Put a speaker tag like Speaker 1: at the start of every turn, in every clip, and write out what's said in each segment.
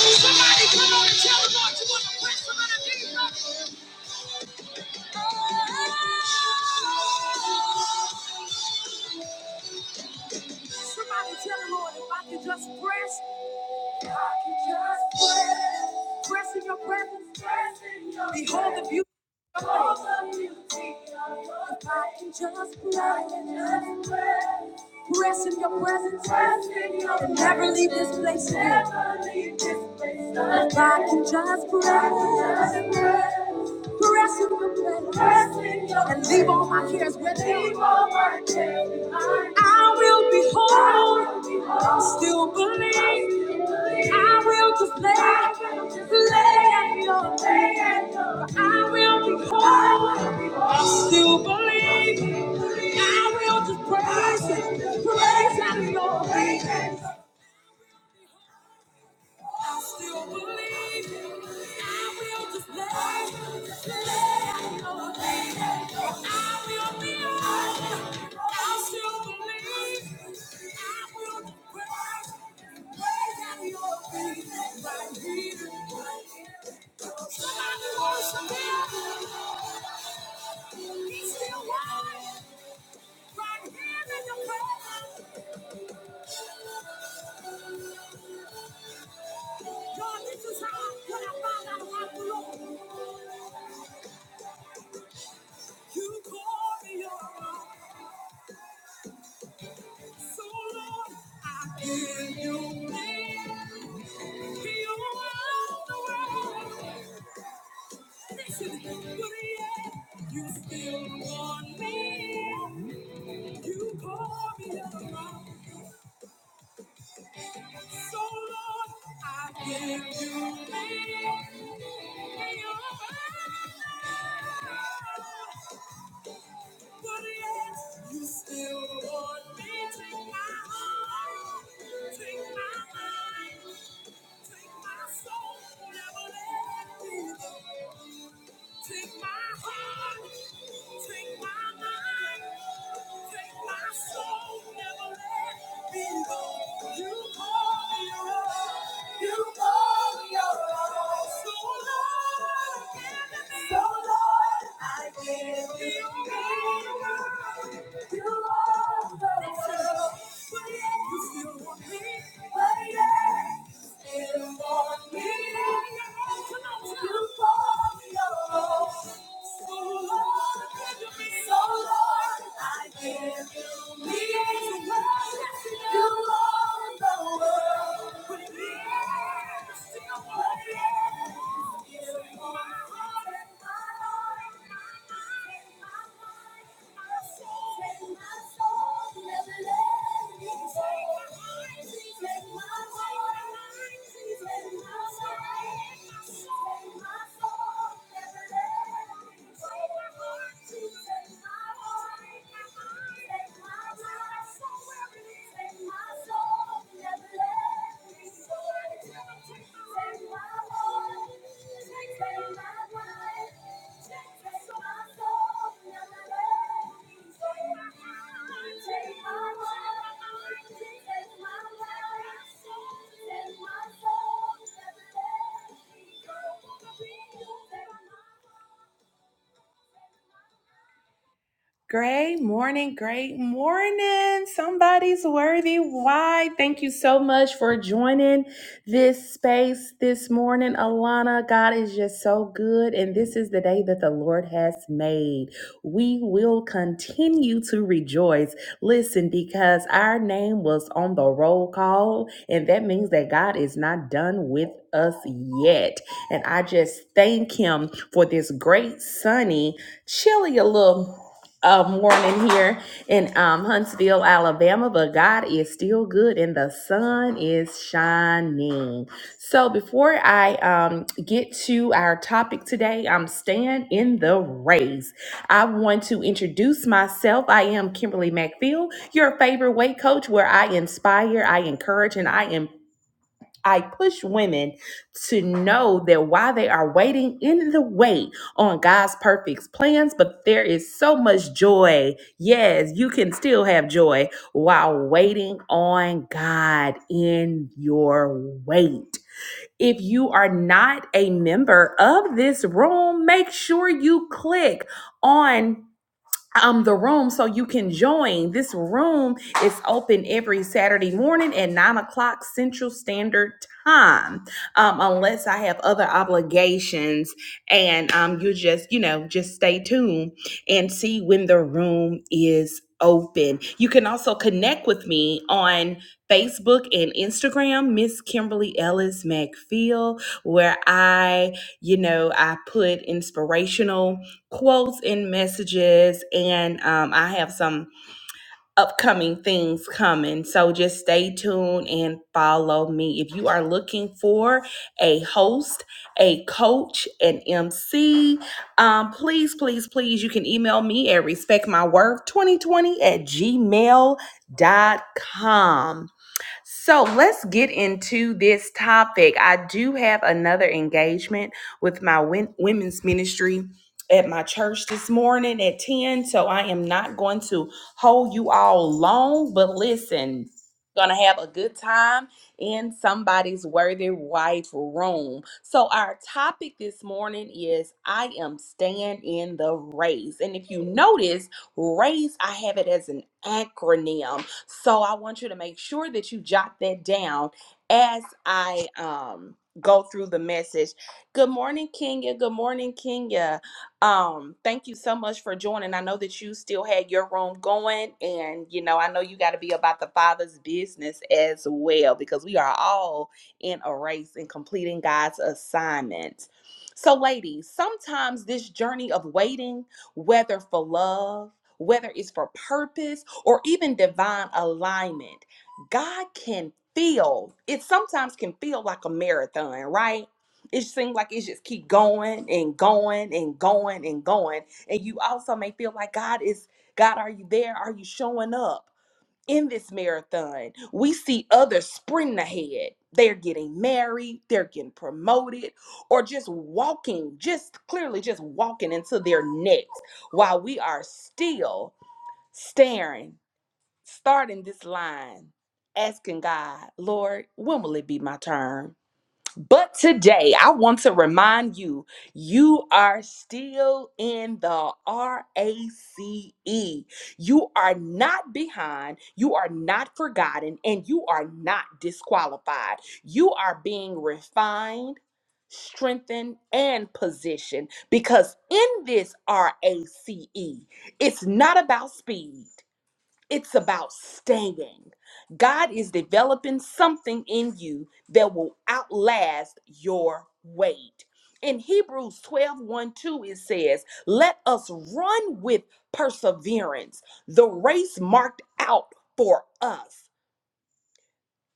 Speaker 1: Somebody come on and tell the Lord you want to quit some of the demons. Great morning, great morning. Somebody's worthy. Why? Thank you so much for joining this space this morning, Alana. God is just so good. And this is the day that the Lord has made. We will continue to rejoice. Listen, because our name was on the roll call, and that means that God is not done with us yet. And I just thank Him for this great, sunny, chilly a little um, morning here in um, Huntsville, Alabama, but God is still good and the sun is shining. So, before I um, get to our topic today, I'm staying in the race. I want to introduce myself. I am Kimberly McPhail, your favorite weight coach, where I inspire, I encourage, and I empower. I push women to know that while they are waiting in the wait on God's perfect plans, but there is so much joy. Yes, you can still have joy while waiting on God in your wait. If you are not a member of this room, make sure you click on um the room so you can join this room is open every saturday morning at nine o'clock central standard time um unless i have other obligations and um you just you know just stay tuned and see when the room is open you can also connect with me on facebook and instagram miss kimberly ellis mcphail where i you know i put inspirational quotes and messages and um, i have some upcoming things coming so just stay tuned and follow me if you are looking for a host a coach an mc um, please please please you can email me at respectmyworth2020 at gmail dot com. So let's get into this topic. I do have another engagement with my win- women's ministry at my church this morning at 10. So I am not going to hold you all long, but listen, gonna have a good time in somebody's worthy wife room. So our topic this morning is I am staying in the race. And if you notice, race, I have it as an acronym so I want you to make sure that you jot that down as I um go through the message. Good morning, Kenya. Good morning, Kenya. Um, thank you so much for joining. I know that you still had your room going, and you know, I know you got to be about the Father's business as well because we are all in a race and completing God's assignment. So, ladies, sometimes this journey of waiting whether for love, whether it's for purpose, or even divine alignment. God can feel, it sometimes can feel like a marathon, right? It seems like it just keep going and going and going and going. And you also may feel like God is, God, are you there? Are you showing up? in this marathon, we see others sprinting ahead. They're getting married, they're getting promoted, or just walking, just clearly just walking into their next while we are still staring, starting this line, asking God, Lord, when will it be my turn? But today, I want to remind you you are still in the RACE. You are not behind, you are not forgotten, and you are not disqualified. You are being refined. Strengthened and positioned because in this RACE, it's not about speed. It's about staying. God is developing something in you that will outlast your weight. In Hebrews twelve one, 2, it says, Let us run with perseverance the race marked out for us,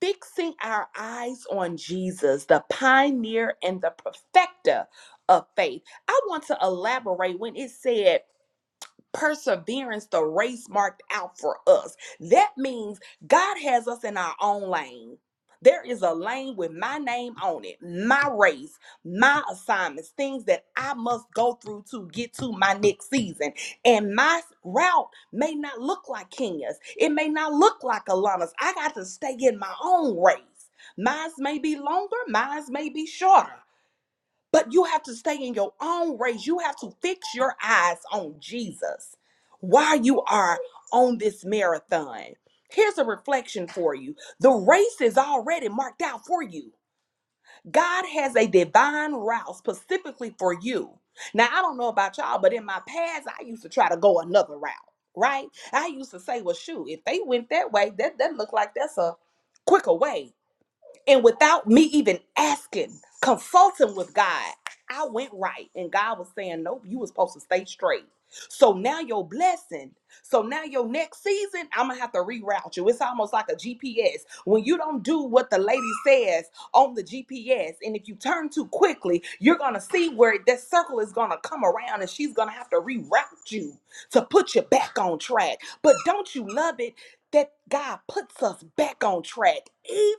Speaker 1: fixing our eyes on Jesus, the pioneer and the perfecter of faith. I want to elaborate when it said, perseverance the race marked out for us. That means God has us in our own lane. There is a lane with my name on it, my race, my assignments, things that I must go through to get to my next season. And my route may not look like Kenya's, it may not look like Alana's. I got to stay in my own race. Mine's may be longer, mine's may be shorter. But you have to stay in your own race. You have to fix your eyes on Jesus while you are on this marathon. Here's a reflection for you the race is already marked out for you. God has a divine route specifically for you. Now, I don't know about y'all, but in my past, I used to try to go another route, right? I used to say, well, shoot, if they went that way, that, that looked like that's a quicker way. And without me even asking, consulting with God, I went right. And God was saying, Nope, you were supposed to stay straight. So now your blessing. So now your next season, I'm gonna have to reroute you. It's almost like a GPS. When you don't do what the lady says on the GPS, and if you turn too quickly, you're gonna see where that circle is gonna come around and she's gonna have to reroute you to put you back on track. But don't you love it? that God puts us back on track,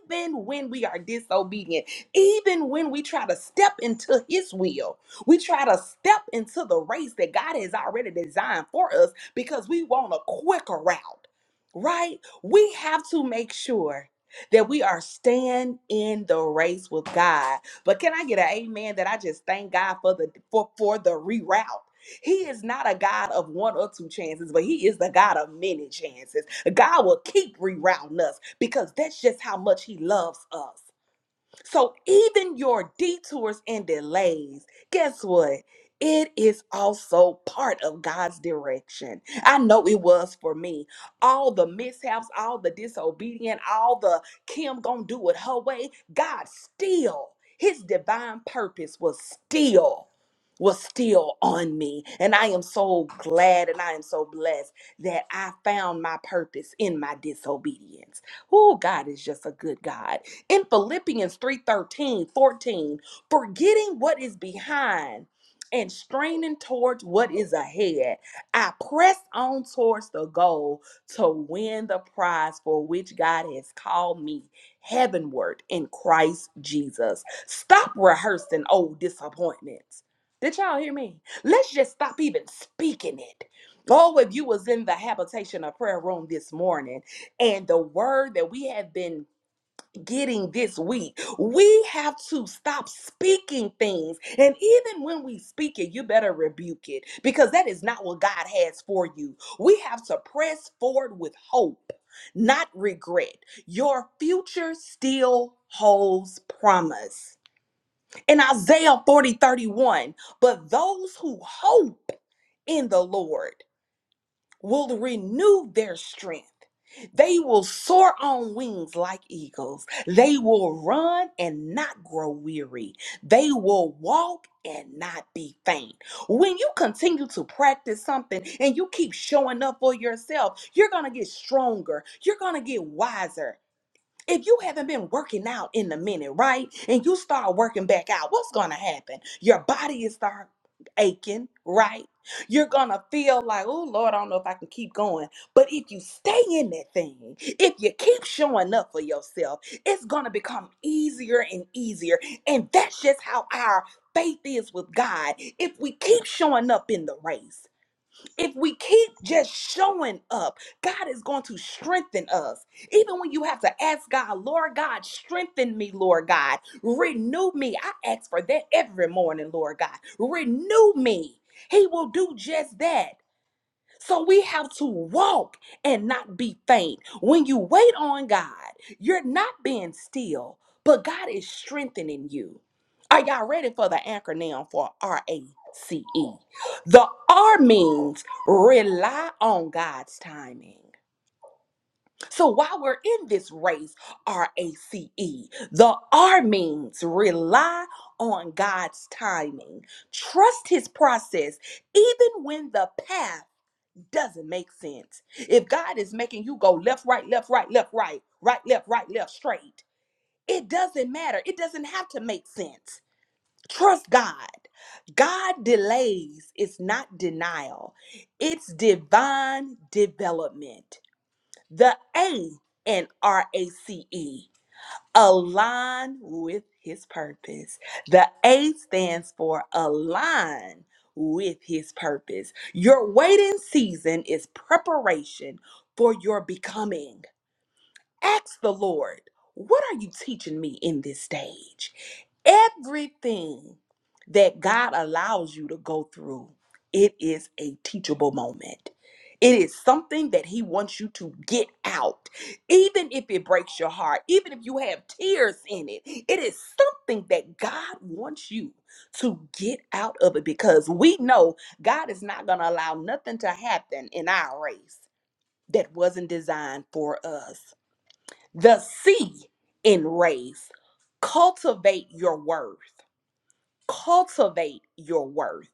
Speaker 1: even when we are disobedient, even when we try to step into His will. We try to step into the race that God has already designed for us because we want a quicker route, right? We have to make sure that we are staying in the race with God. But can I get an amen that I just thank God for the for, for the reroute? He is not a God of one or two chances, but He is the God of many chances. God will keep rerouting us because that's just how much He loves us. So even your detours and delays, guess what? It is also part of God's direction. I know it was for me. All the mishaps, all the disobedient, all the Kim gonna do it her way. God still, his divine purpose was still, was still on me. And I am so glad and I am so blessed that I found my purpose in my disobedience. Oh, God is just a good God in Philippians 3 13 14, forgetting what is behind and straining towards what is ahead. I press on towards the goal to win the prize for which God has called me heavenward in Christ Jesus. Stop rehearsing old disappointments. Did y'all hear me? Let's just stop even speaking it. Oh, if you was in the habitation of prayer room this morning and the word that we have been getting this week. We have to stop speaking things. And even when we speak it, you better rebuke it because that is not what God has for you. We have to press forward with hope, not regret. Your future still holds promise. In Isaiah 40 31. but those who hope in the Lord will renew their strength. They will soar on wings like eagles. They will run and not grow weary. They will walk and not be faint. When you continue to practice something and you keep showing up for yourself, you're going to get stronger. You're going to get wiser if you haven't been working out in a minute, right? And you start working back out, what's going to happen? Your body is start aching, right? You're going to feel like, "Oh Lord, I don't know if I can keep going." But if you stay in that thing, if you keep showing up for yourself, it's going to become easier and easier. And that's just how our faith is with God. If we keep showing up in the race, if we keep just showing up, God is going to strengthen us. Even when you have to ask God, Lord God, strengthen me, Lord God, renew me. I ask for that every morning, Lord God, renew me. He will do just that. So we have to walk and not be faint. When you wait on God, you're not being still, but God is strengthening you. Are y'all ready for the acronym for R A C E? The R means rely on God's timing. So while we're in this race, R A C E, the R means rely on God's timing. Trust his process even when the path doesn't make sense. If God is making you go left, right, left, right, left, right, right, left, right, left, straight, it doesn't matter. It doesn't have to make sense. Trust God. God delays is not denial, it's divine development. The A in RACE align with his purpose. The A stands for align with his purpose. Your waiting season is preparation for your becoming. Ask the Lord, what are you teaching me in this stage? Everything that God allows you to go through, it is a teachable moment. It is something that He wants you to get out. Even if it breaks your heart, even if you have tears in it, it is something that God wants you to get out of it because we know God is not going to allow nothing to happen in our race that wasn't designed for us. The C in raise. Cultivate your worth. Cultivate your worth.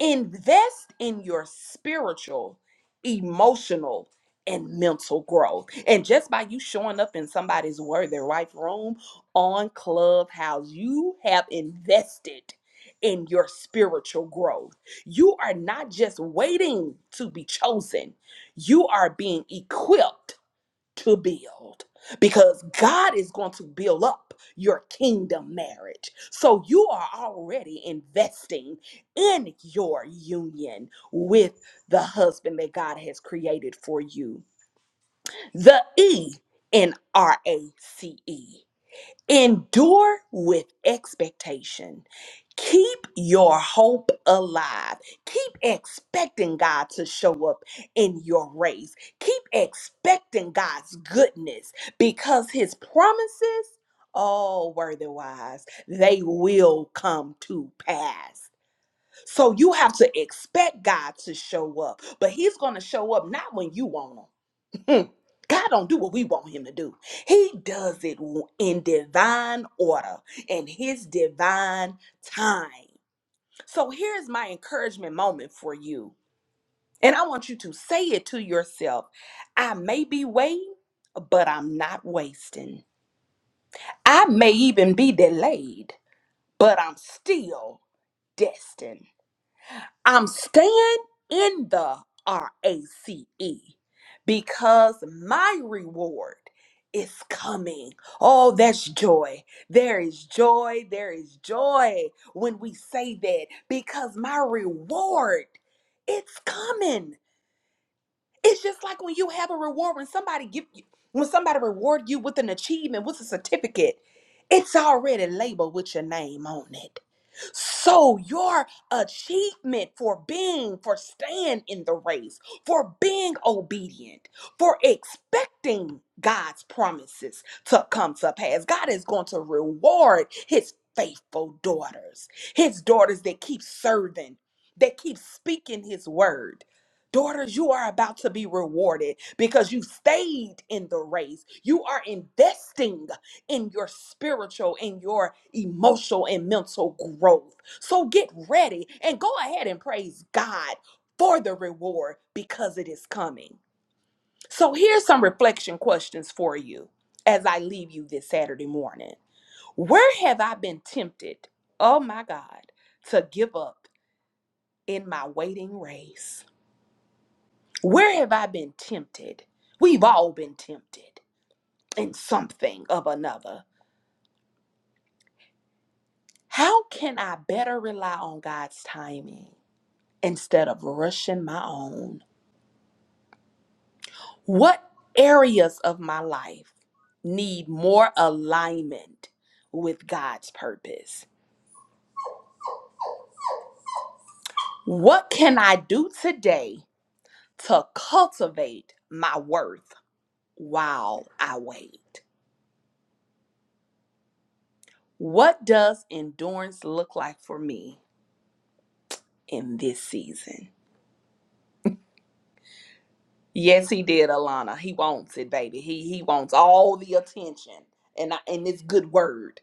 Speaker 1: Invest in your spiritual, emotional, and mental growth. And just by you showing up in somebody's worthy wife room on Clubhouse, you have invested in your spiritual growth. You are not just waiting to be chosen, you are being equipped to build because God is going to build up your kingdom marriage. So you are already investing in your union with the husband that God has created for you. The E in RACE. Endure with expectation. Keep your hope alive. Keep expecting God to show up in your race. Keep expecting God's goodness because his promises, oh, worthy wise, they will come to pass. So you have to expect God to show up, but he's going to show up not when you want him. Mm. God don't do what we want him to do. He does it w- in divine order and his divine time. So here's my encouragement moment for you. And I want you to say it to yourself. I may be waiting, but I'm not wasting. I may even be delayed, but I'm still destined. I'm staying in the RACE because my reward is coming. Oh, that's joy. There is joy. There is joy when we say that because my reward it's coming. It's just like when you have a reward when somebody give you when somebody reward you with an achievement, with a certificate, it's already labeled with your name on it. So, your achievement for being, for staying in the race, for being obedient, for expecting God's promises to come to pass, God is going to reward His faithful daughters, His daughters that keep serving, that keep speaking His word. Daughters, you are about to be rewarded because you stayed in the race. You are investing in your spiritual, in your emotional and mental growth. So get ready and go ahead and praise God for the reward because it is coming. So here's some reflection questions for you as I leave you this Saturday morning. Where have I been tempted, oh my God, to give up in my waiting race? Where have I been tempted? We've all been tempted in something of another. How can I better rely on God's timing instead of rushing my own? What areas of my life need more alignment with God's purpose? What can I do today to cultivate my worth while I wait? What does endurance look like for me in this season? Yes, he did, Alana. He wants it, baby. He he wants all the attention and I, and this good word.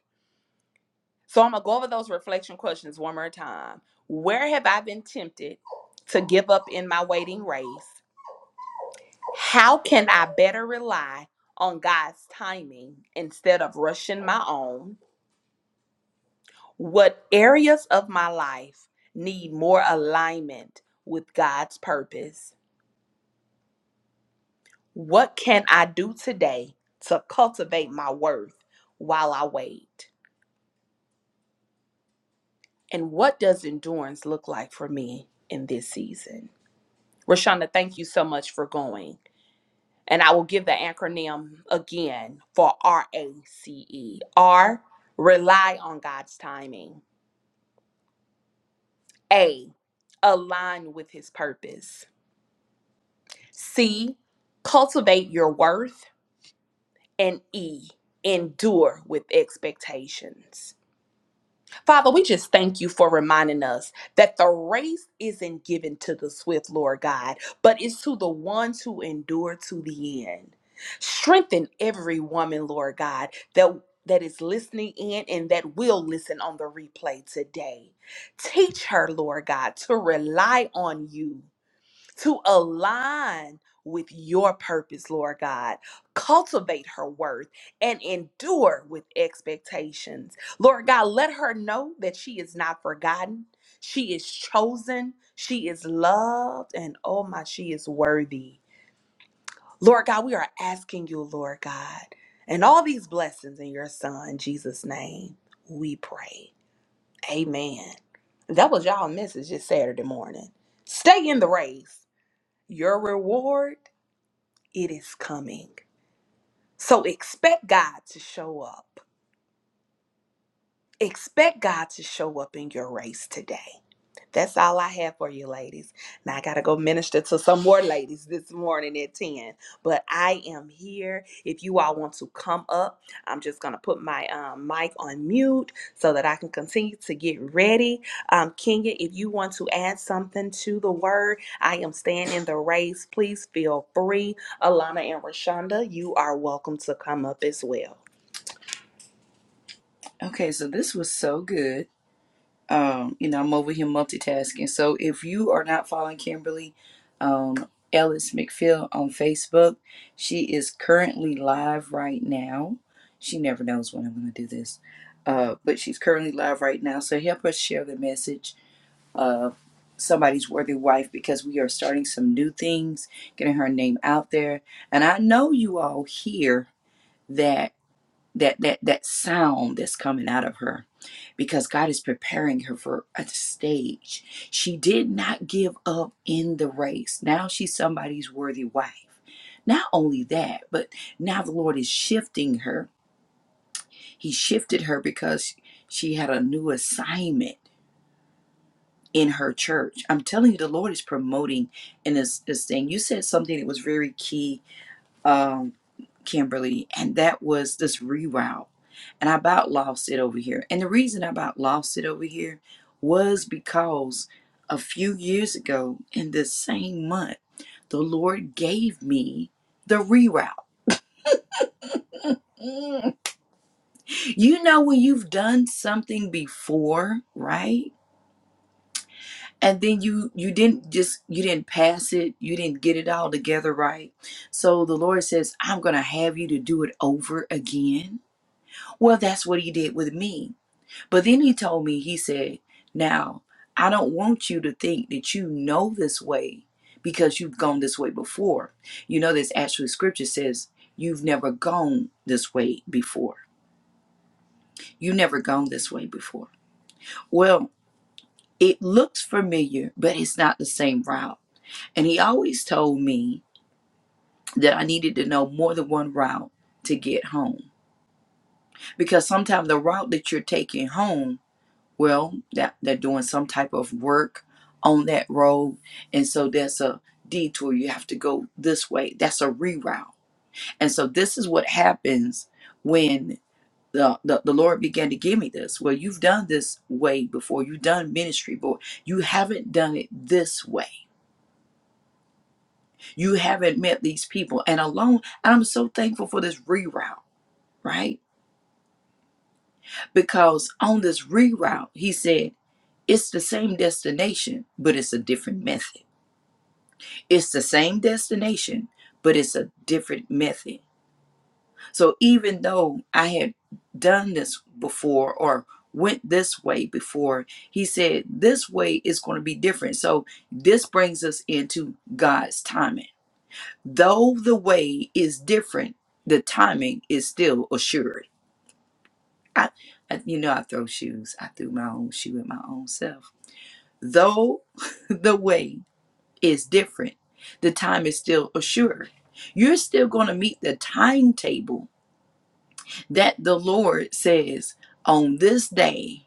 Speaker 1: So I'm gonna go over those reflection questions one more time. Where have I been tempted to give up in my waiting race? How can I better rely on God's timing instead of rushing my own? What areas of my life need more alignment with God's purpose? What can I do today to cultivate my worth while I wait? And what does endurance look like for me in this season? Rashonda, thank you so much for going. And I will give the acronym again for R A C E. R, rely on God's timing. A, align with his purpose. C, cultivate your worth. And E, endure with expectations. Father, we just thank you for reminding us that the race isn't given to the swift, Lord God, but it's to the ones who endure to the end. Strengthen every woman, Lord God, that that is listening in and that will listen on the replay today. Teach her, Lord God, to rely on you to align with your purpose, Lord God. Cultivate her worth and endure with expectations. Lord God, let her know that she is not forgotten. She is chosen. She is loved. And oh my, she is worthy. Lord God, we are asking you, Lord God, and all these blessings in your son, Jesus' name, we pray. Amen. That was y'all message this Saturday morning. Stay in the race your reward, it is coming. So expect God to show up. Expect God to show up in your race today. That's all I have for you, ladies. Now I got to go minister to some more ladies this morning at 10. But I am here. If you all want to come up, I'm just going to put my um, mic on mute so that I can continue to get ready. Um, Kenya, if you want to add something to the word, I am staying in the race. Please feel free. Alana and Rashonda, you are welcome to come up as well.
Speaker 2: Okay, so this was so good. Um, you know, I'm over here multitasking. So if you are not following Kimberly um, Ellis McPhail on Facebook, she is currently live right now. She never knows when I'm going to do this, uh, but she's currently live right now. So help us share the message of somebody's worthy wife because we are starting some new things, getting her name out there. And I know you all hear that that that that sound that's coming out of her because God is preparing her for a stage. She did not give up in the race. Now she's somebody's worthy wife. Not only that, but now the Lord is shifting her. He shifted her because she had a new assignment in her church. I'm telling you, the Lord is promoting in this, this thing. You said something that was very key um, Kimberly, and that was this reroute. And I about lost it over here. And the reason I about lost it over here was because a few years ago in this same month, the Lord gave me the reroute. Mm. You know when you've done something before, right? And then you you didn't just you didn't pass it, you didn't get it all together right. So the Lord says, I'm gonna have you to do it over again Well, that's what he did with me. But then he told me, he said, Now, I don't want you to think that you know this way because you've gone this way before. You know, this actually scripture says, You've never gone this way before. you never gone this way before. Well, it looks familiar, but it's not the same route. And he always told me that I needed to know more than one route to get home because sometimes the route that you're taking home well that they're doing some type of work on that road and so there's a detour you have to go this way that's a reroute and so this is what happens when the, the, the lord began to give me this well you've done this way before you've done ministry but you haven't done it this way you haven't met these people and alone and i'm so thankful for this reroute right because on this reroute he said it's the same destination but it's a different method It's the same destination, but it's a different method. So even though I had done this before or went this way before, he said this way is going to be different. So this brings us into God's timing. Though the way is different, the timing is still assured. I, I you know I throw shoes. I threw my own shoe at my own self. Though the way is different. The time is still assured. You're still going to meet the timetable that the Lord says on this day,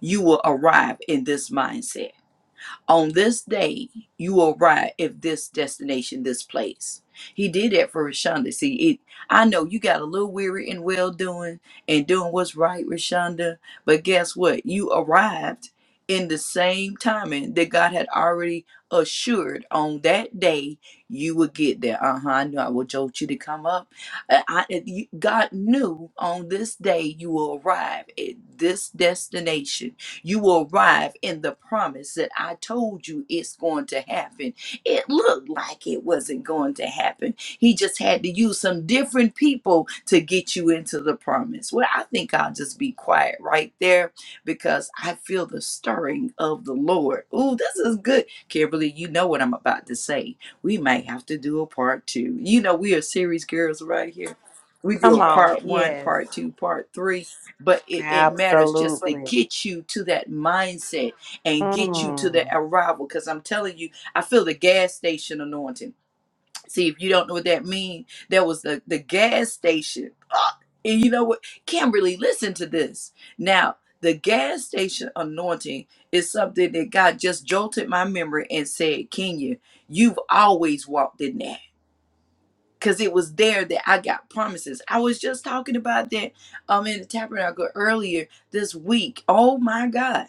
Speaker 2: you will arrive in this mindset on this day you will arrive at this destination, this place. He did that for Rashonda. See, it, I know you got a little weary and well doing and doing what's right, Rashonda. But guess what? You arrived in the same timing that God had already assured on that day you would get there. Uh huh. I knew I would jolt you to come up. I, I, you- God knew on this day you will arrive at this destination you will arrive in the promise that I told you it's going to happen. It looked like it wasn't going to happen. He just had to use some different people to get you into the promise. Well, I think I'll just be quiet right there because I feel the stirring of the Lord. Ooh, this is good. Kimberly, you know what I'm about to say. We might have to do a part two. You know, we are series girls right here. We do
Speaker 1: Come
Speaker 2: a
Speaker 1: on.
Speaker 2: part one,
Speaker 1: Yes.
Speaker 2: part two, part three but it, it matters just to
Speaker 1: Absolutely.
Speaker 2: get you to that mindset and get you to the
Speaker 1: Mm.
Speaker 2: arrival because i'm telling you i feel the gas station anointing see if you don't know what that means that was the, the gas station Ah, and you know what kimberly listen to this now the gas station anointing is something that god just jolted my memory and said kenya you've always walked in that because it was there that I got promises. I was just talking about that um in the tabernacle earlier this week. Oh my God.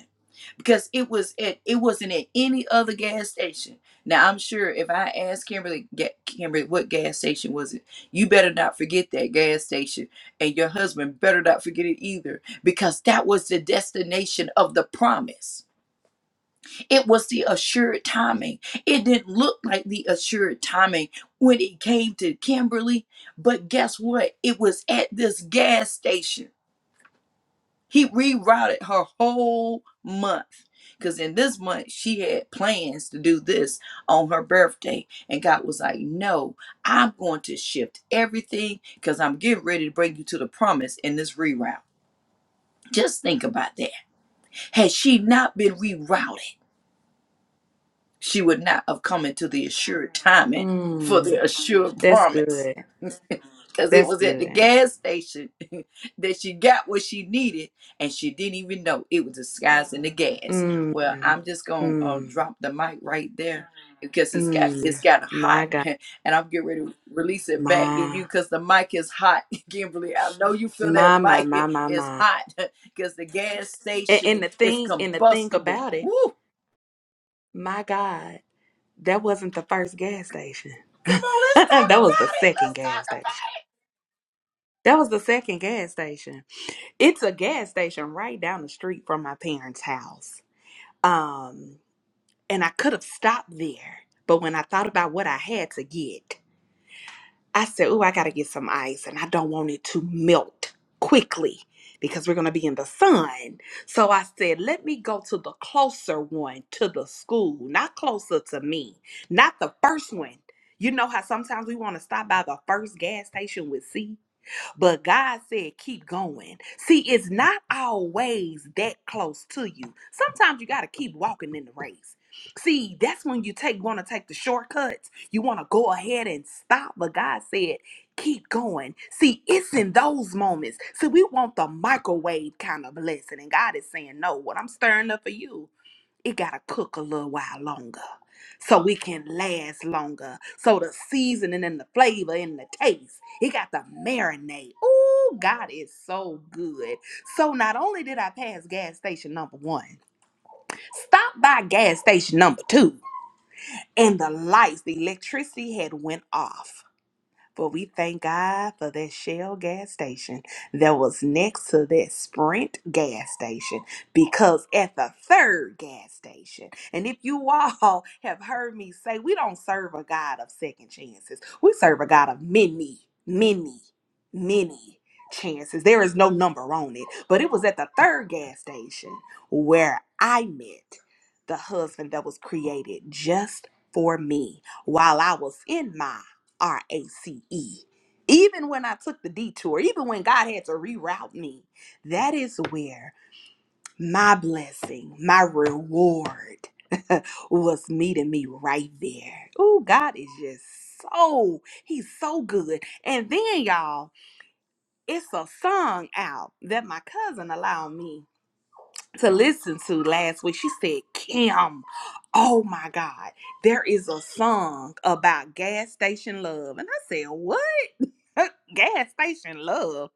Speaker 2: Because it was at it wasn't at any other gas station. Now I'm sure if I asked Kimberly Ga- Kimberly what gas station was it, you better not forget that gas station and your husband better not forget it either because that was the destination of the promise it was the assured timing. It didn't look like the assured timing when it came to Kimberly, but guess what? It was at this gas station. He rerouted her whole month because in this month she had plans to do this on her birthday. And God was like, No, I'm going to shift everything because I'm getting ready to bring you to the promise in this reroute. Just think about that. Had she not been rerouted, she would not have come into the assured timing for
Speaker 1: Mm.
Speaker 2: the assured
Speaker 1: That's
Speaker 2: promise.
Speaker 1: good.
Speaker 2: Because it
Speaker 1: That's
Speaker 2: was at the
Speaker 1: good.
Speaker 2: gas station that she got what she needed and she didn't even know it was disguising the gas.
Speaker 1: Mm,
Speaker 2: Well, I'm just going to uh,
Speaker 1: mm,
Speaker 2: drop the mic right there because it's got it's
Speaker 1: mm.
Speaker 2: got
Speaker 1: My
Speaker 2: hot
Speaker 1: God.
Speaker 2: and I'm getting ready to release it back to
Speaker 1: My,
Speaker 2: you because the mic is hot. Kimberly, I know you feel that
Speaker 1: my, my,
Speaker 2: mic
Speaker 1: my, my,
Speaker 2: is
Speaker 1: my.
Speaker 2: hot because the gas
Speaker 1: And,
Speaker 2: station
Speaker 1: and the
Speaker 2: is
Speaker 1: thing, and the thing
Speaker 2: combustible.
Speaker 1: about it,
Speaker 2: Woo!
Speaker 1: my God, that wasn't the first gas station.
Speaker 2: Come on,
Speaker 1: that was the second
Speaker 2: let's
Speaker 1: gas
Speaker 2: talk about
Speaker 1: station. That was the second gas station. It's a gas station right down the street from my parents' house. Um, and I could have stopped there, but when I thought about what I had to get, I said, "Ooh, I got to get some ice and I don't want it to melt quickly because we're going to be in the sun." So I said, "Let me go to the closer one to the school, not closer to me, not the first one." You know how sometimes we want to stop by the first gas station with C? But God said, keep going. See, it's not always that close to you. Sometimes you got to keep walking in the race. See, that's when you take want to take the shortcuts. You want to go ahead and stop, but God said, keep going. See, it's in those moments. See, we want the microwave kind of blessing, and God is saying, no. What I'm stirring up for you it got to cook a little while longer so we can last longer. So the seasoning and the flavor and the taste, it got to marinate. Ooh, God is so good. So not only did I pass gas station number one, stop by gas station number two, and the lights, the electricity had went off. But we thank God for that Shell gas station that was next to that Sprint gas station because at the third gas station, and if you all have heard me say, we don't serve a God of second chances, we serve a God of many, many, many chances. There is no number on it, but it was at the third gas station where I met the husband that was created just for me while I was in my. R A C E. Even when I took the detour, even when God had to reroute me, that is where my blessing, my reward was meeting me right there. Oh, God is just so, He's so good. And then, y'all, it's a song out that my cousin allowed me to listen to last week. She said, Kim, oh my God, there is a song about gas station love. And I said, What? Gas station love.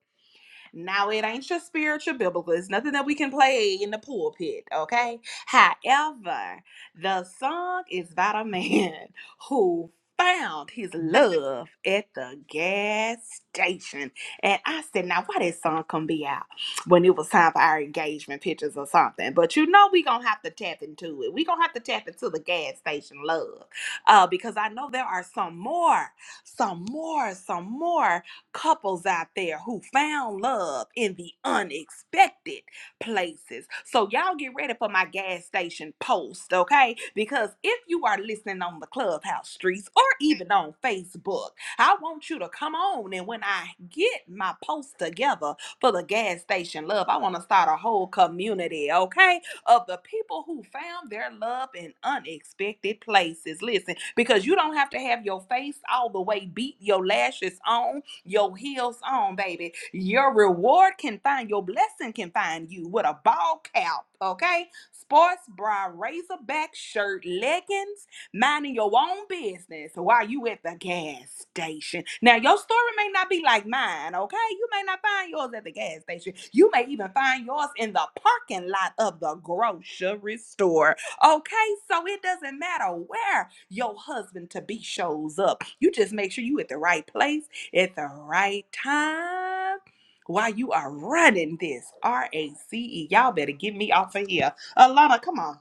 Speaker 1: Now it ain't your spiritual biblical. It's nothing that we can play in the pulpit, okay? However, the song is about a man who found his
Speaker 3: Yes, ma'am.
Speaker 1: love at the gas station. And I said, now why that song come be out when it was time for our engagement pictures or something? But you know we gonna have to tap into it. We gonna have to tap into the gas station love. Uh, because I know there are some more some more, some more couples out there who found love in the unexpected places. So y'all get ready for my gas station post, okay? Because if you are listening on the clubhouse streets or even on Facebook, I want you to come on and when I get my post together for the gas station love, I want to start a whole community, okay? Of the people who found their love in unexpected places. Listen, because you don't have to have your face all the way beat, your lashes on, your heels on, baby. Your reward can find, your blessing can find you with a ball cap, okay? Sports bra, razorback shirt, leggings, minding your own business while you at the gas station. Now, your story may not be like mine, okay? You may not find yours at the gas station. You may even find yours in the parking lot of the grocery store, okay? So it doesn't matter where your husband to be shows up. You just make sure you at the right place at the right time while you are running this R A C E. Y'all better get me off of here. Alana, come on.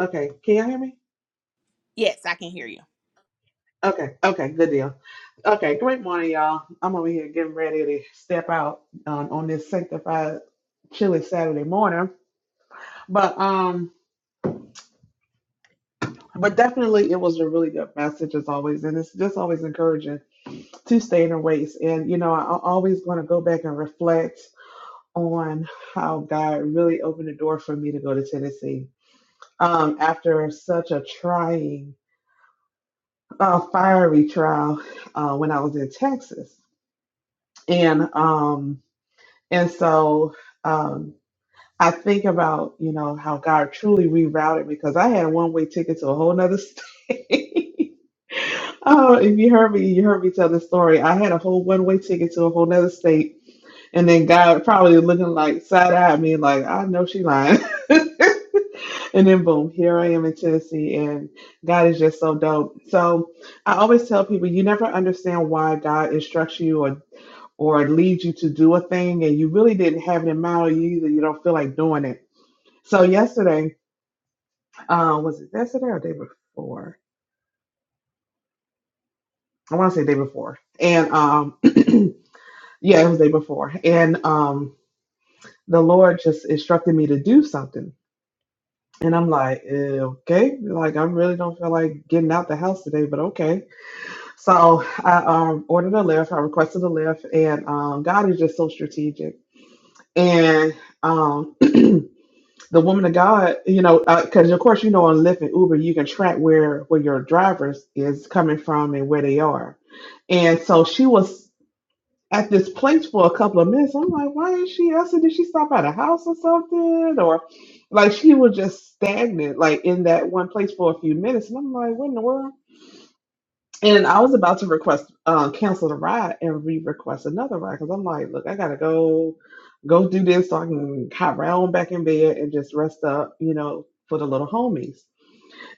Speaker 4: Okay, can y'all hear me?
Speaker 1: Yes, I can hear you.
Speaker 4: Okay, okay, good deal. Okay, great morning, y'all. I'm over here getting ready to step out um, on this sanctified, chilly Saturday morning. But um, but definitely, it was a really good message as always, and it's just always encouraging to stay in the race. And you know, I- I'm always going to go back and reflect on how God really opened the door for me to go to Tennessee um, after such a trying, uh, fiery trial uh, when I was in Texas. and um and so um I think about you know how God truly rerouted me because I had a one way ticket to a whole nother state. oh, if you heard me, you heard me tell the story. I had a whole one way ticket to a whole nother state, and then God probably looking like side eye at me like I know she lying. and then boom, here I am in Tennessee, and God is just so dope. So I always tell people you never understand why God instructs you or or it leads you to do a thing and you really didn't have it in mind or you either you don't feel like doing it. So yesterday, uh, was it yesterday or day before? I want to say day before. And um, yeah, it was day before. And um, the Lord just instructed me to do something. And I'm like, eh, okay, like I really don't feel like getting out the house today, but okay. So I um, ordered a lift. I requested a lift, and um, God is just so strategic. And um, the woman of God, you know, because of course you know on Lyft and Uber you can track where where your drivers is coming from and where they are, and so she was at this place for a couple of minutes. I'm like, why is she? I said, did she stop at a house or something? Or like she was just stagnant, like in that one place for a few minutes, and I'm like, what in the world? And I was about to request uh, cancel the ride and re-request another ride because I'm like, look, I gotta go, go do this so I can hop around back in bed and just rest up, you know, for the little homies.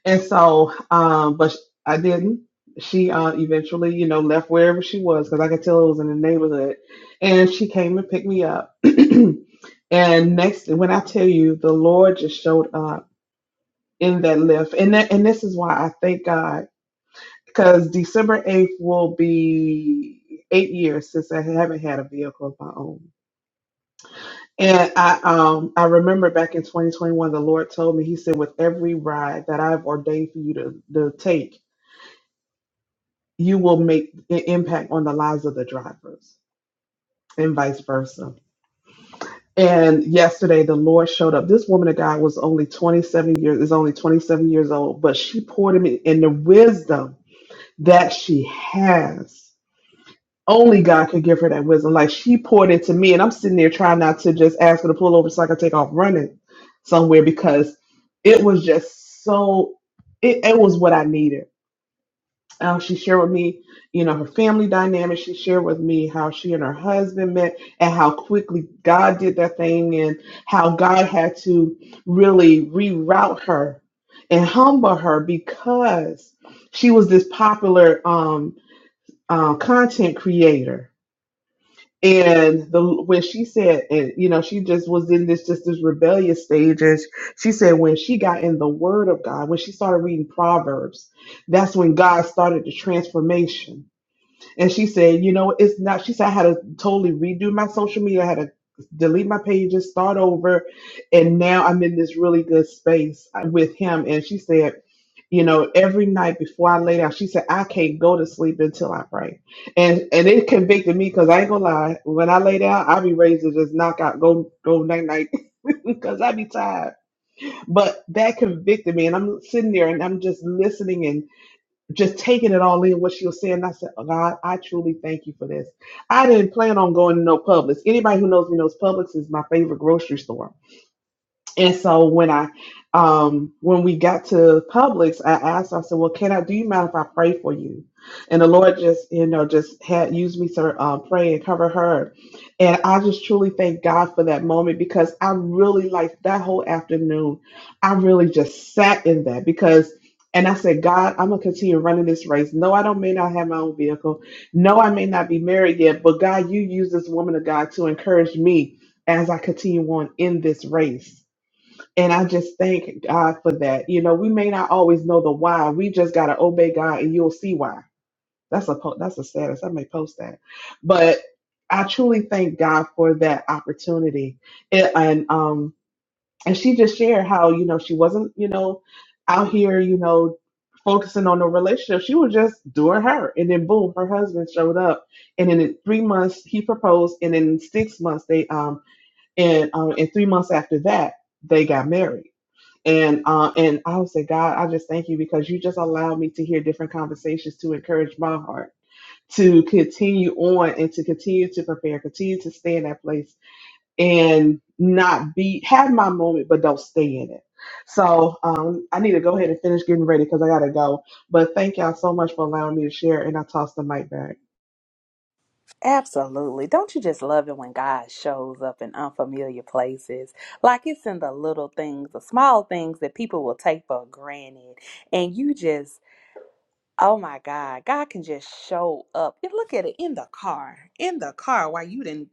Speaker 4: And so, um, but sh- I didn't. She uh, eventually, you know, left wherever she was because I could tell it was in the neighborhood, and she came and picked me up. And next, when I tell you, the Lord just showed up in that lift, and that, and this is why I thank God because December 8th will be eight years since I haven't had a vehicle of my own. And I um I remember back in 2021, the Lord told me, He said, with every ride that I've ordained for you to, to take, you will make an impact on the lives of the drivers and vice versa. And yesterday the Lord showed up. This woman of God was only 27 years, is only 27 years old, but she poured him in, in the wisdom that she has. Only God could give her that wisdom. Like she poured into me, and I'm sitting there trying not to just ask her to pull over so I can take off running somewhere because it was just so. It, it was what I needed. Uh, she shared with me, you know, her family dynamic. She shared with me how she and her husband met and how quickly God did that thing and how God had to really reroute her and humble her because she was this popular um, uh, content creator and the when she said, and you know, she just was in this just this rebellious stage. And she said when she got in the Word of God, when she started reading Proverbs, that's when God started the transformation and she said, you know, it's not. She said I had to totally redo my social media. I had to delete my pages, start over, and now I'm in this really good space uh, with him. And she said, you know, every night before I lay down, she said I can't go to sleep until I pray. And and it convicted me because I ain't gonna lie. When I lay down, I be ready to just knock out, go go night night, because I be tired. But that convicted me, and I'm sitting there and I'm just listening just taking it all in what she was saying. I said, "Oh, God, I truly thank you for this. I didn't plan on going to no Publix. Anybody who knows me knows Publix is my favorite grocery store. And so when I um when we got to Publix, I asked, I said, Well, can I do you mind if I pray for you? And the Lord just, you know, just had used me to uh, pray and cover her. And I just truly thank God for that moment because I really like that whole afternoon. I really just sat in that because and I said, God, I'm gonna continue running this race. No, I don't may not have my own vehicle. No, I may not be married yet, but God, you use this woman of God to encourage me as I continue on in this race. And I just thank God for that. You know, we may not always know the why. We just gotta obey God, and you'll see why. That's a po- that's a status. I may post that, but I truly thank God for that opportunity. And, and um, and she just shared how you know she wasn't you know out here you know focusing on the relationship. She was just doing her, and then boom, her husband showed up, and then in three months he proposed, and in six months they um and um and three months after that they got married and uh, and I would say, God, I just thank you because you just allowed me to hear different conversations to encourage my heart to continue on and to continue to prepare, continue to stay in that place and not be have my moment, but don't stay in it. So um, I need to go ahead and finish getting ready because I gotta go. But thank y'all so much for allowing me to share, and I toss the mic back.
Speaker 1: Absolutely. Don't you just love it when God shows up in unfamiliar places? Like it's in the little things, the small things that people will take for granted. And you just Oh my God, God can just show up. And look at it in the car, in the car while you didn't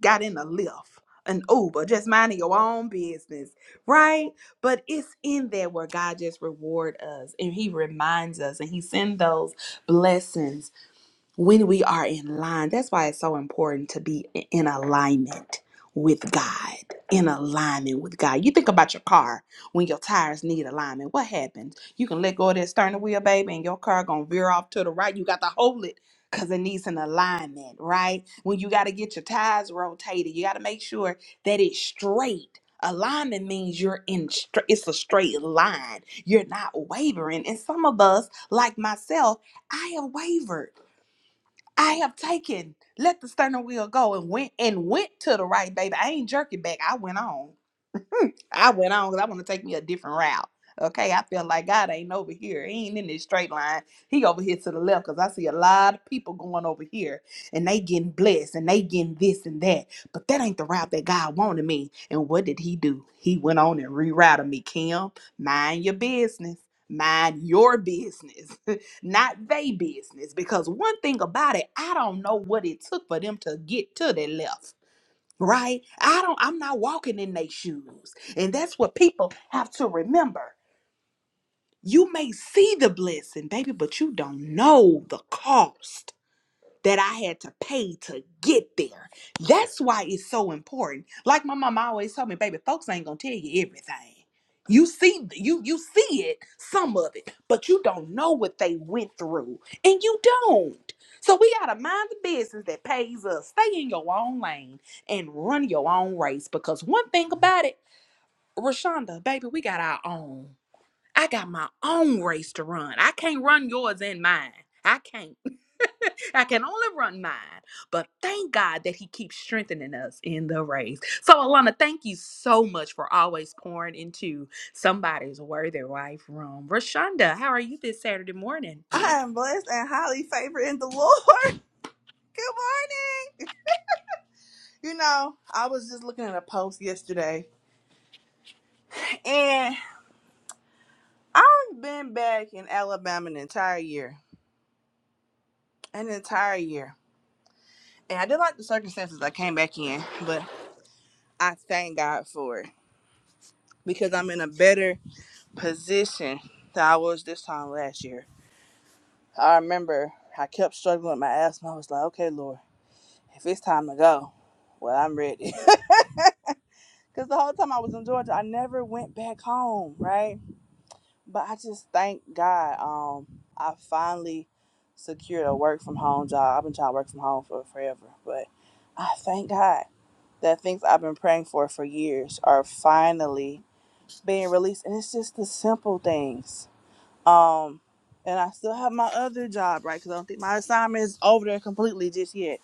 Speaker 1: got in a lift, an Uber, just minding your own business, right? But it's in there where God just reward us and He reminds us and He send those blessings when we are in line. That's why it's so important to be i- in alignment with God, in alignment with God. You think about your car when your tires need alignment. What happens? You can let go of that steering wheel, baby, and your car gonna veer off to the right. You got to hold it because it needs an alignment, right? When you got to get your tires rotated, you got to make sure that it's straight. Alignment means you're in straight, it's a straight line. You're not wavering. And some of us, like myself, I have wavered. I have taken, let the sternum wheel go and went and went to the right, baby. I ain't jerking back. I went on. I went on because I want to take me a different route. Okay, I felt like God ain't over here. He ain't in this straight line. He over here to the left because I see a lot of people going over here and they getting blessed and they getting this and that. But that ain't the route that God wanted me. And what did he do? He went on and rerouted me. Kim, mind your business. Mind your business, not they business. Because one thing about it, I don't know what it took for them to get to the left right? I don't, I'm not walking in their shoes. And that's what people have to remember. You may see the blessing, baby, but you don't know the cost that I had to pay to get there. That's why it's so important. Like my mama always told me, baby, folks ain't gonna tell you everything. You see, you you see it, some of it, but you don't know what they went through, and you don't. So we gotta mind the business that pays us. Stay in your own lane and run your own race. Because one thing about it, Rashonda, baby, we got our own. I got my own race to run. I can't run yours and mine. I can't. I can only run mine, but thank God that He keeps strengthening us in the race. So, Alana, thank you so much for always pouring into somebody's worthy wife room. Rashonda, how are you this Saturday morning?
Speaker 3: I am blessed and highly favored in the Lord. Good morning. You know, I was just looking at a post yesterday, and I've been back in Alabama an entire year, an entire year. And I did like the circumstances I came back in, but I thank God for it because I'm in a better position than I was this time last year. I remember I kept struggling with my asthma. I was like, okay, Lord, if it's time to go, well, I'm ready. Because the whole time I was in Georgia, I never went back home, right? But I just thank God um, I finally secured a work from home job. I've been trying to work from home for forever, but I thank God that things I've been praying for for years are finally being released. And it's just the simple things. Um, and I still have my other job, right? Because I don't think my assignment is over there completely just yet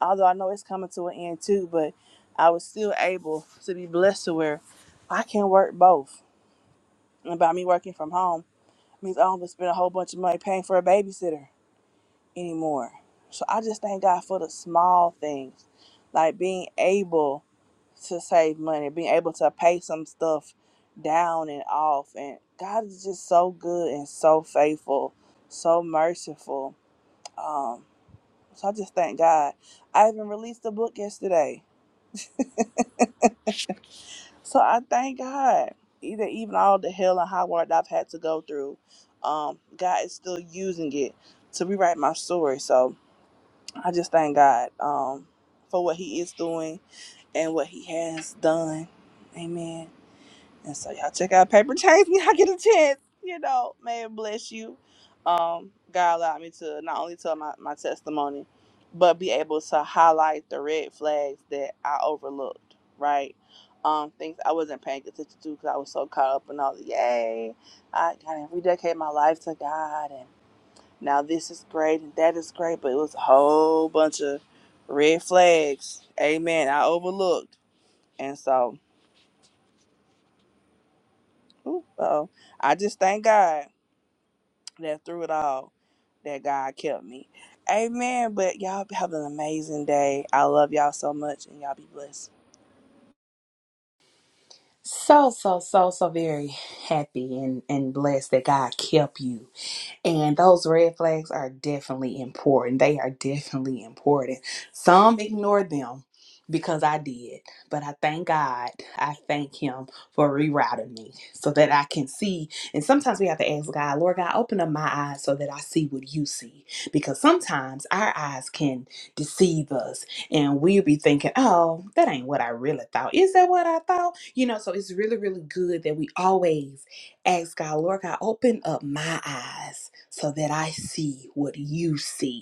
Speaker 3: although I know it's coming to an end too, but I was still able to be blessed to where I can work both. And by me working from home means I don't have to spend a whole bunch of money paying for a babysitter anymore. So I just thank God for the small things, like being able to save money, being able to pay some stuff down and off. And God is just so good and so faithful, so merciful. Um, so I just thank God. I even released a book yesterday So I thank God, either even all the hell and high water that I've had to go through, um, God is still using it to rewrite my story. So I just thank God um, for what He is doing and what He has done. Amen. And so y'all check out Paper Chains when y'all get a chance. You know, may it bless you. Um, God allowed me to not only tell my, my testimony, but be able to highlight the red flags that I overlooked, right? Um, things I wasn't paying attention to because I was so caught up in all the yay, I gotta rededicate my life to God and now this is great and that is great, but it was a whole bunch of red flags. Amen. I overlooked. And so, ooh, uh-oh. I just thank God. that through it all, that God kept me. Amen. But y'all have an amazing day. I love y'all so much, and y'all be blessed.
Speaker 1: So, so, so, so very happy and, and blessed that God kept you. And those red flags are definitely important. They are definitely important. Some ignore them because I did, but I thank God. I thank Him for rerouting me so that I can see. And sometimes we have to ask God, Lord God, open up my eyes so that I see what you see. Because sometimes our eyes can deceive us and we'll be thinking, oh, that ain't what I really thought. Is that what I thought? You know, so it's really, really good that we always Ask God, Lord God, open up my eyes so that I see what you see.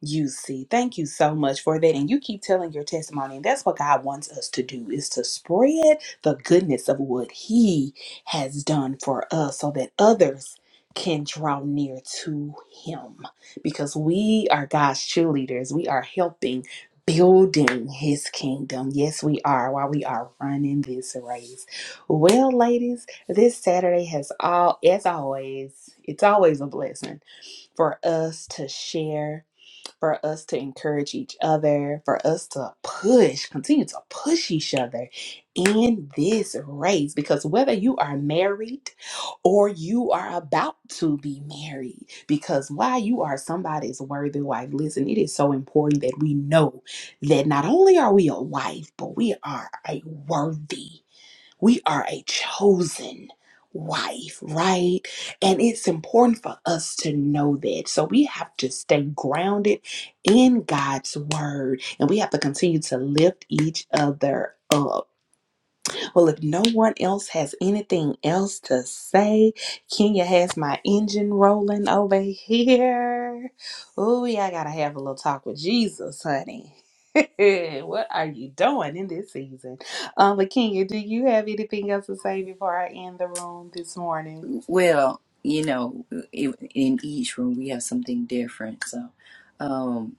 Speaker 1: You see, thank you so much for that. And you keep telling your testimony. And that's what God wants us to do is to spread the goodness of what He has done for us so that others can draw near to Him. Because we are God's cheerleaders. We are helping building His kingdom. Yes, we are while we are running this race. Well, ladies, this Saturday has all as always, it's always a blessing for us to share for us to encourage each other, for us to push, continue to push each other in this race. Because whether you are married or you are about to be married, because while you are somebody's worthy wife, listen, it is so important that we know that not only are we a wife, but we are a worthy we are a chosen wife, right? And it's important for us to know that. So we have to stay grounded in God's word and we have to continue to lift each other up. Well, if no one else has anything else to say, Kenya has my engine rolling over here. Oh, yeah, I gotta have a little talk with Jesus, honey. what are you doing in this season? Um, but Kenya, do you have anything else to say before I end the room this morning?
Speaker 2: it. Let's talk about it. Well, you know, i- in each room we have something different. So, um,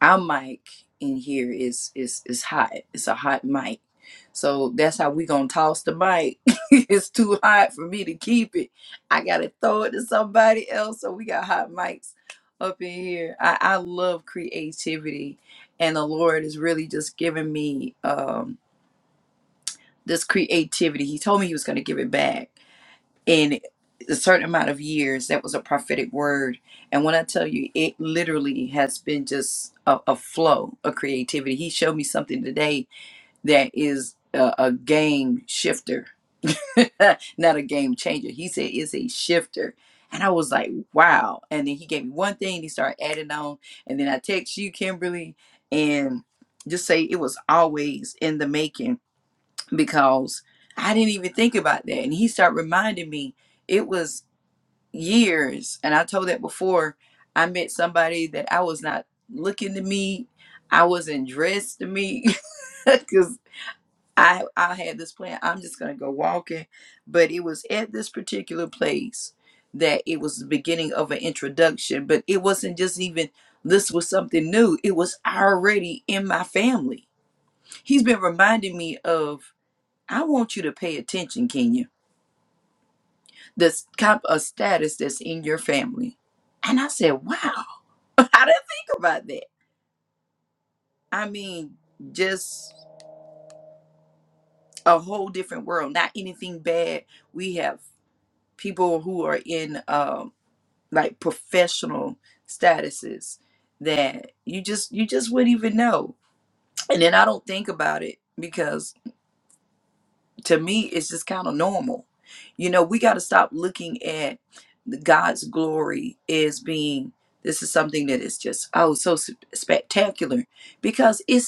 Speaker 2: our mic in here is is is hot. It's a hot mic. So that's how we gonna toss the mic. it's too hot for me to keep it. I gotta throw it to somebody else. So we got hot mics up in here. I, I love creativity, and the Lord is really just giving me um this creativity. He told me he was gonna give it back in a certain amount of years that was a prophetic word and when i tell you it literally has been just a, a flow of creativity he showed me something today that is a, a game shifter not a game changer he said it's a shifter and i was like wow and then he gave me one thing he started adding on and then i text you kimberly and just say it was always in the making because i didn't even think about that and he started reminding me it was years and i told that before i met somebody that i was not looking to meet i wasn't dressed to meet because i i had this plan i'm just gonna go walking but it was at this particular place that it was the beginning of an introduction but it wasn't just even this was something new it was already in my family he's been reminding me of i want you to pay attention kenya this kind of status that's in your family. And I said, wow, I didn't think about that. I mean, just a whole different world, not anything bad. We have people who are in um, like professional statuses that you just you just wouldn't even know. And then I don't think about it because to me it's just kind of normal you know we got to stop looking at god's glory as being this is something that is just oh so s- spectacular because it's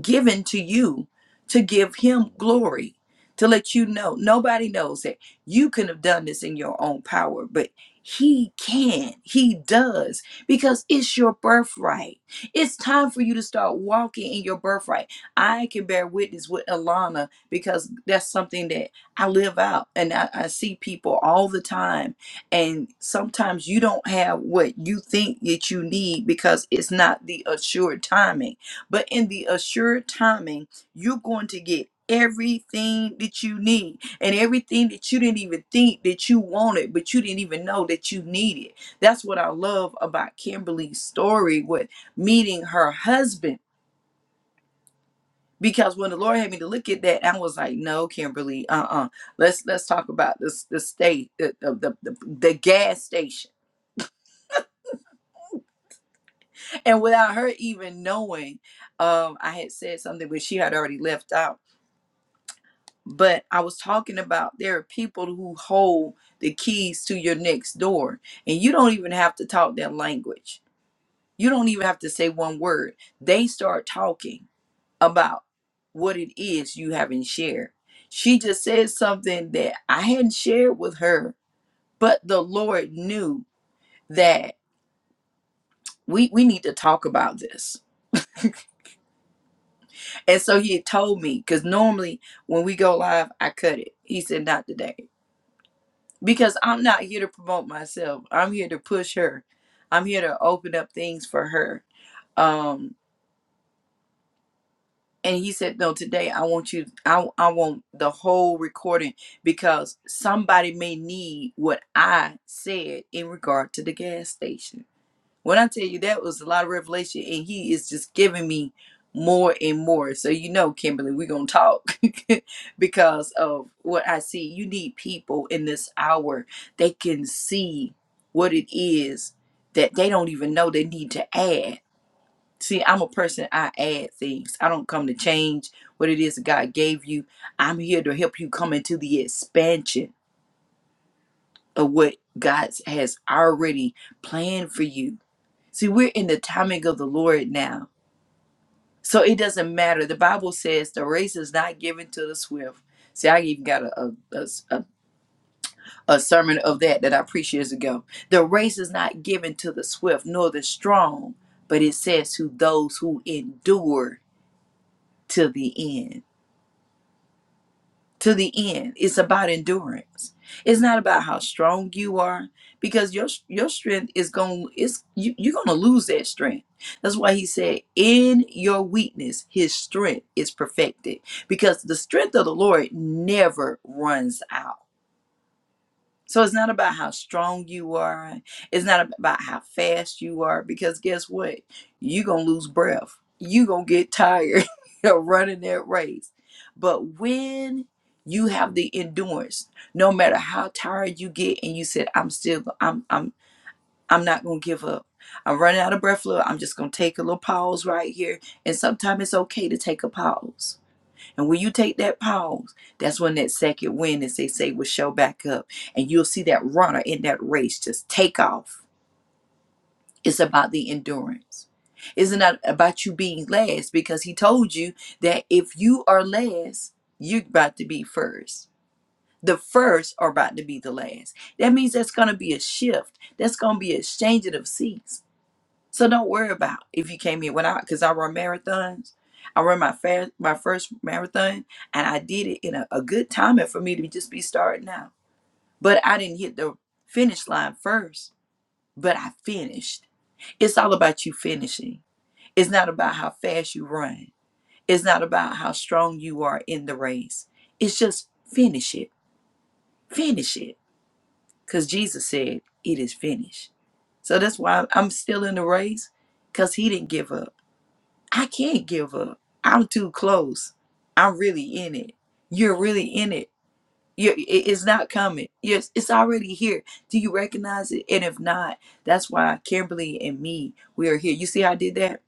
Speaker 2: given to you to give him glory, to let you know nobody knows that you could have done this in your own power, but he can, he does, because it's your birthright. It's time for you to start walking in your birthright. I can bear witness with Alana because that's something that I live out and I, I see people all the time. And sometimes you don't have what you think that you need because it's not the assured timing but in the assured timing, you're going to get everything that you need and everything that you didn't even think that you wanted, but you didn't even know that you needed. That's what I love about Kimberly's story with meeting her husband. Because when the Lord had me to look at that, I was like, "No, Kimberly, uh-uh. Let's let's talk about this the state, the the, the the gas station." And without her even knowing, um, I had said something, but she had already left out but I was talking about there are people who hold the keys to your next door, and you don't even have to talk their language. You don't even have to say one word. They start talking about what it is you haven't shared. She just said something that I hadn't shared with her, but the Lord knew that we we need to talk about this. And so he had told me, because normally when we go live, I cut it. He said, not today. because I'm not here to promote myself. I'm here to push her. I'm here to open up things for her. Um, and he said, no, today I want you, I, I want the whole recording because somebody may need what I said in regard to the gas station. When I tell you that was a lot of revelation, and he is just giving me more and more. So you know, Kimberly, we're gonna talk because of what I see. You need people in this hour that can see what it is that they don't even know they need to add. See, I'm a person, I add things. I don't come to change what it is that God gave you. I'm here to help you come into the expansion of what God has already planned for you See, we're in the timing of the Lord now. So it doesn't matter. The Bible says the race is not given to the swift. See, I even got a, a, a, a sermon of that that I preached years ago. The race is not given to the swift nor the strong, but it says to those who endure to the end. to the end. It's about endurance. It's not about how strong you are because your your strength is going it's you, you're going to lose that strength. That's why he said in your weakness his strength is perfected because the strength of the Lord never runs out. So it's not about how strong you are. It's not about how fast you are, because guess what? You're going to lose breath. You're going to get tired of running that race. But when you have the endurance, no matter how tired you get, and you said, I'm still, I'm, I'm, I'm not going to give up. I'm running out of breath, Lord. I'm just going to take a little pause right here. And sometimes it's okay to take a pause and when you take that pause, that's when that second wind, as they say, will show back up. And you'll see that runner in that race just take off. It's about the endurance. It's not about you being last because he told you that if you are last, you're about to be first. The first are about to be the last. That means that's going to be a shift. That's going to be a changing of seats so don't worry about if you came here when I, because I run marathons. I run my first my first marathon, and I did it in a, a good timing for me to just be starting out. But I didn't hit the finish line first, but I finished. It's all about you finishing. It's not about how fast you run. It's not about how strong you are in the race. It's just finish it, finish it, because Jesus said it is finished. So that's why I'm still in the race, because He didn't give up. I can't give up. I'm too close. I'm really in it. You're really in it. You, it- it's not coming. Yes, it's already here. Do you recognize it? And if not, that's why Kimberly and me, we are here. You see, how I did that.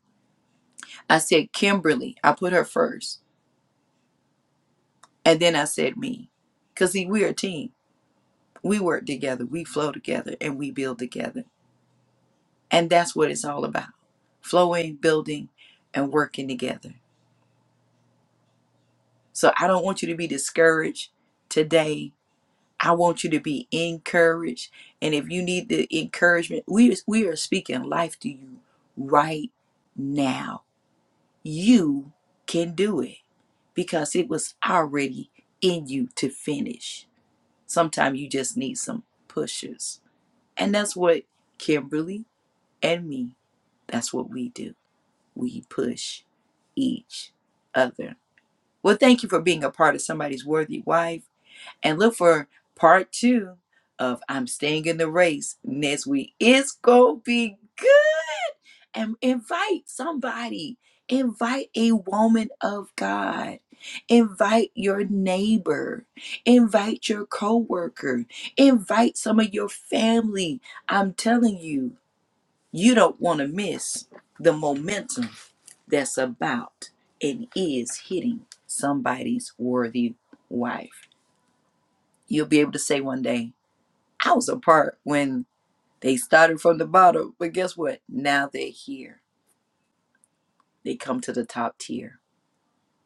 Speaker 2: I said Kimberly. I put her first, and then I said me, because see, we're a team. We work together. We flow together, and we build together. And that's what it's all about: flowing, building, and working together. So I don't want you to be discouraged today I want you to be encouraged. And if you need the encouragement, we, we are speaking life to you right now. You can do it because it was already in you to finish. Sometimes you just need some pushes. And that's what Kimberly and me, that's what we do. We push each other. Well, thank you for being a part of somebody's worthy wife and look for part two of I'm Staying in the Race next week. It's going to be good. And invite somebody, invite a woman of God, invite your neighbor, invite your coworker, invite some of your family. I'm telling you, you don't want to miss the momentum that's about and is hitting somebody's worthy wife. You'll be able to say one day, hours apart when they started from the bottom. But guess what? Now they're here. They come to the top tier.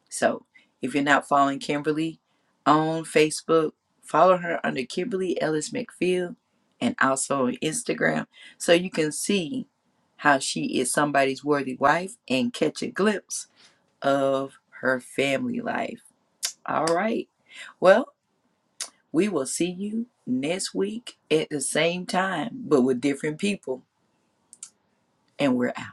Speaker 2: So if you're not following Kimberly on Facebook, follow her under Kimberly Ellis McPhil and also on Instagram so you can see how she is somebody's worthy wife and catch a glimpse of her family life. All right. Well, we will see you next week at the same time, but with different people. And we're out.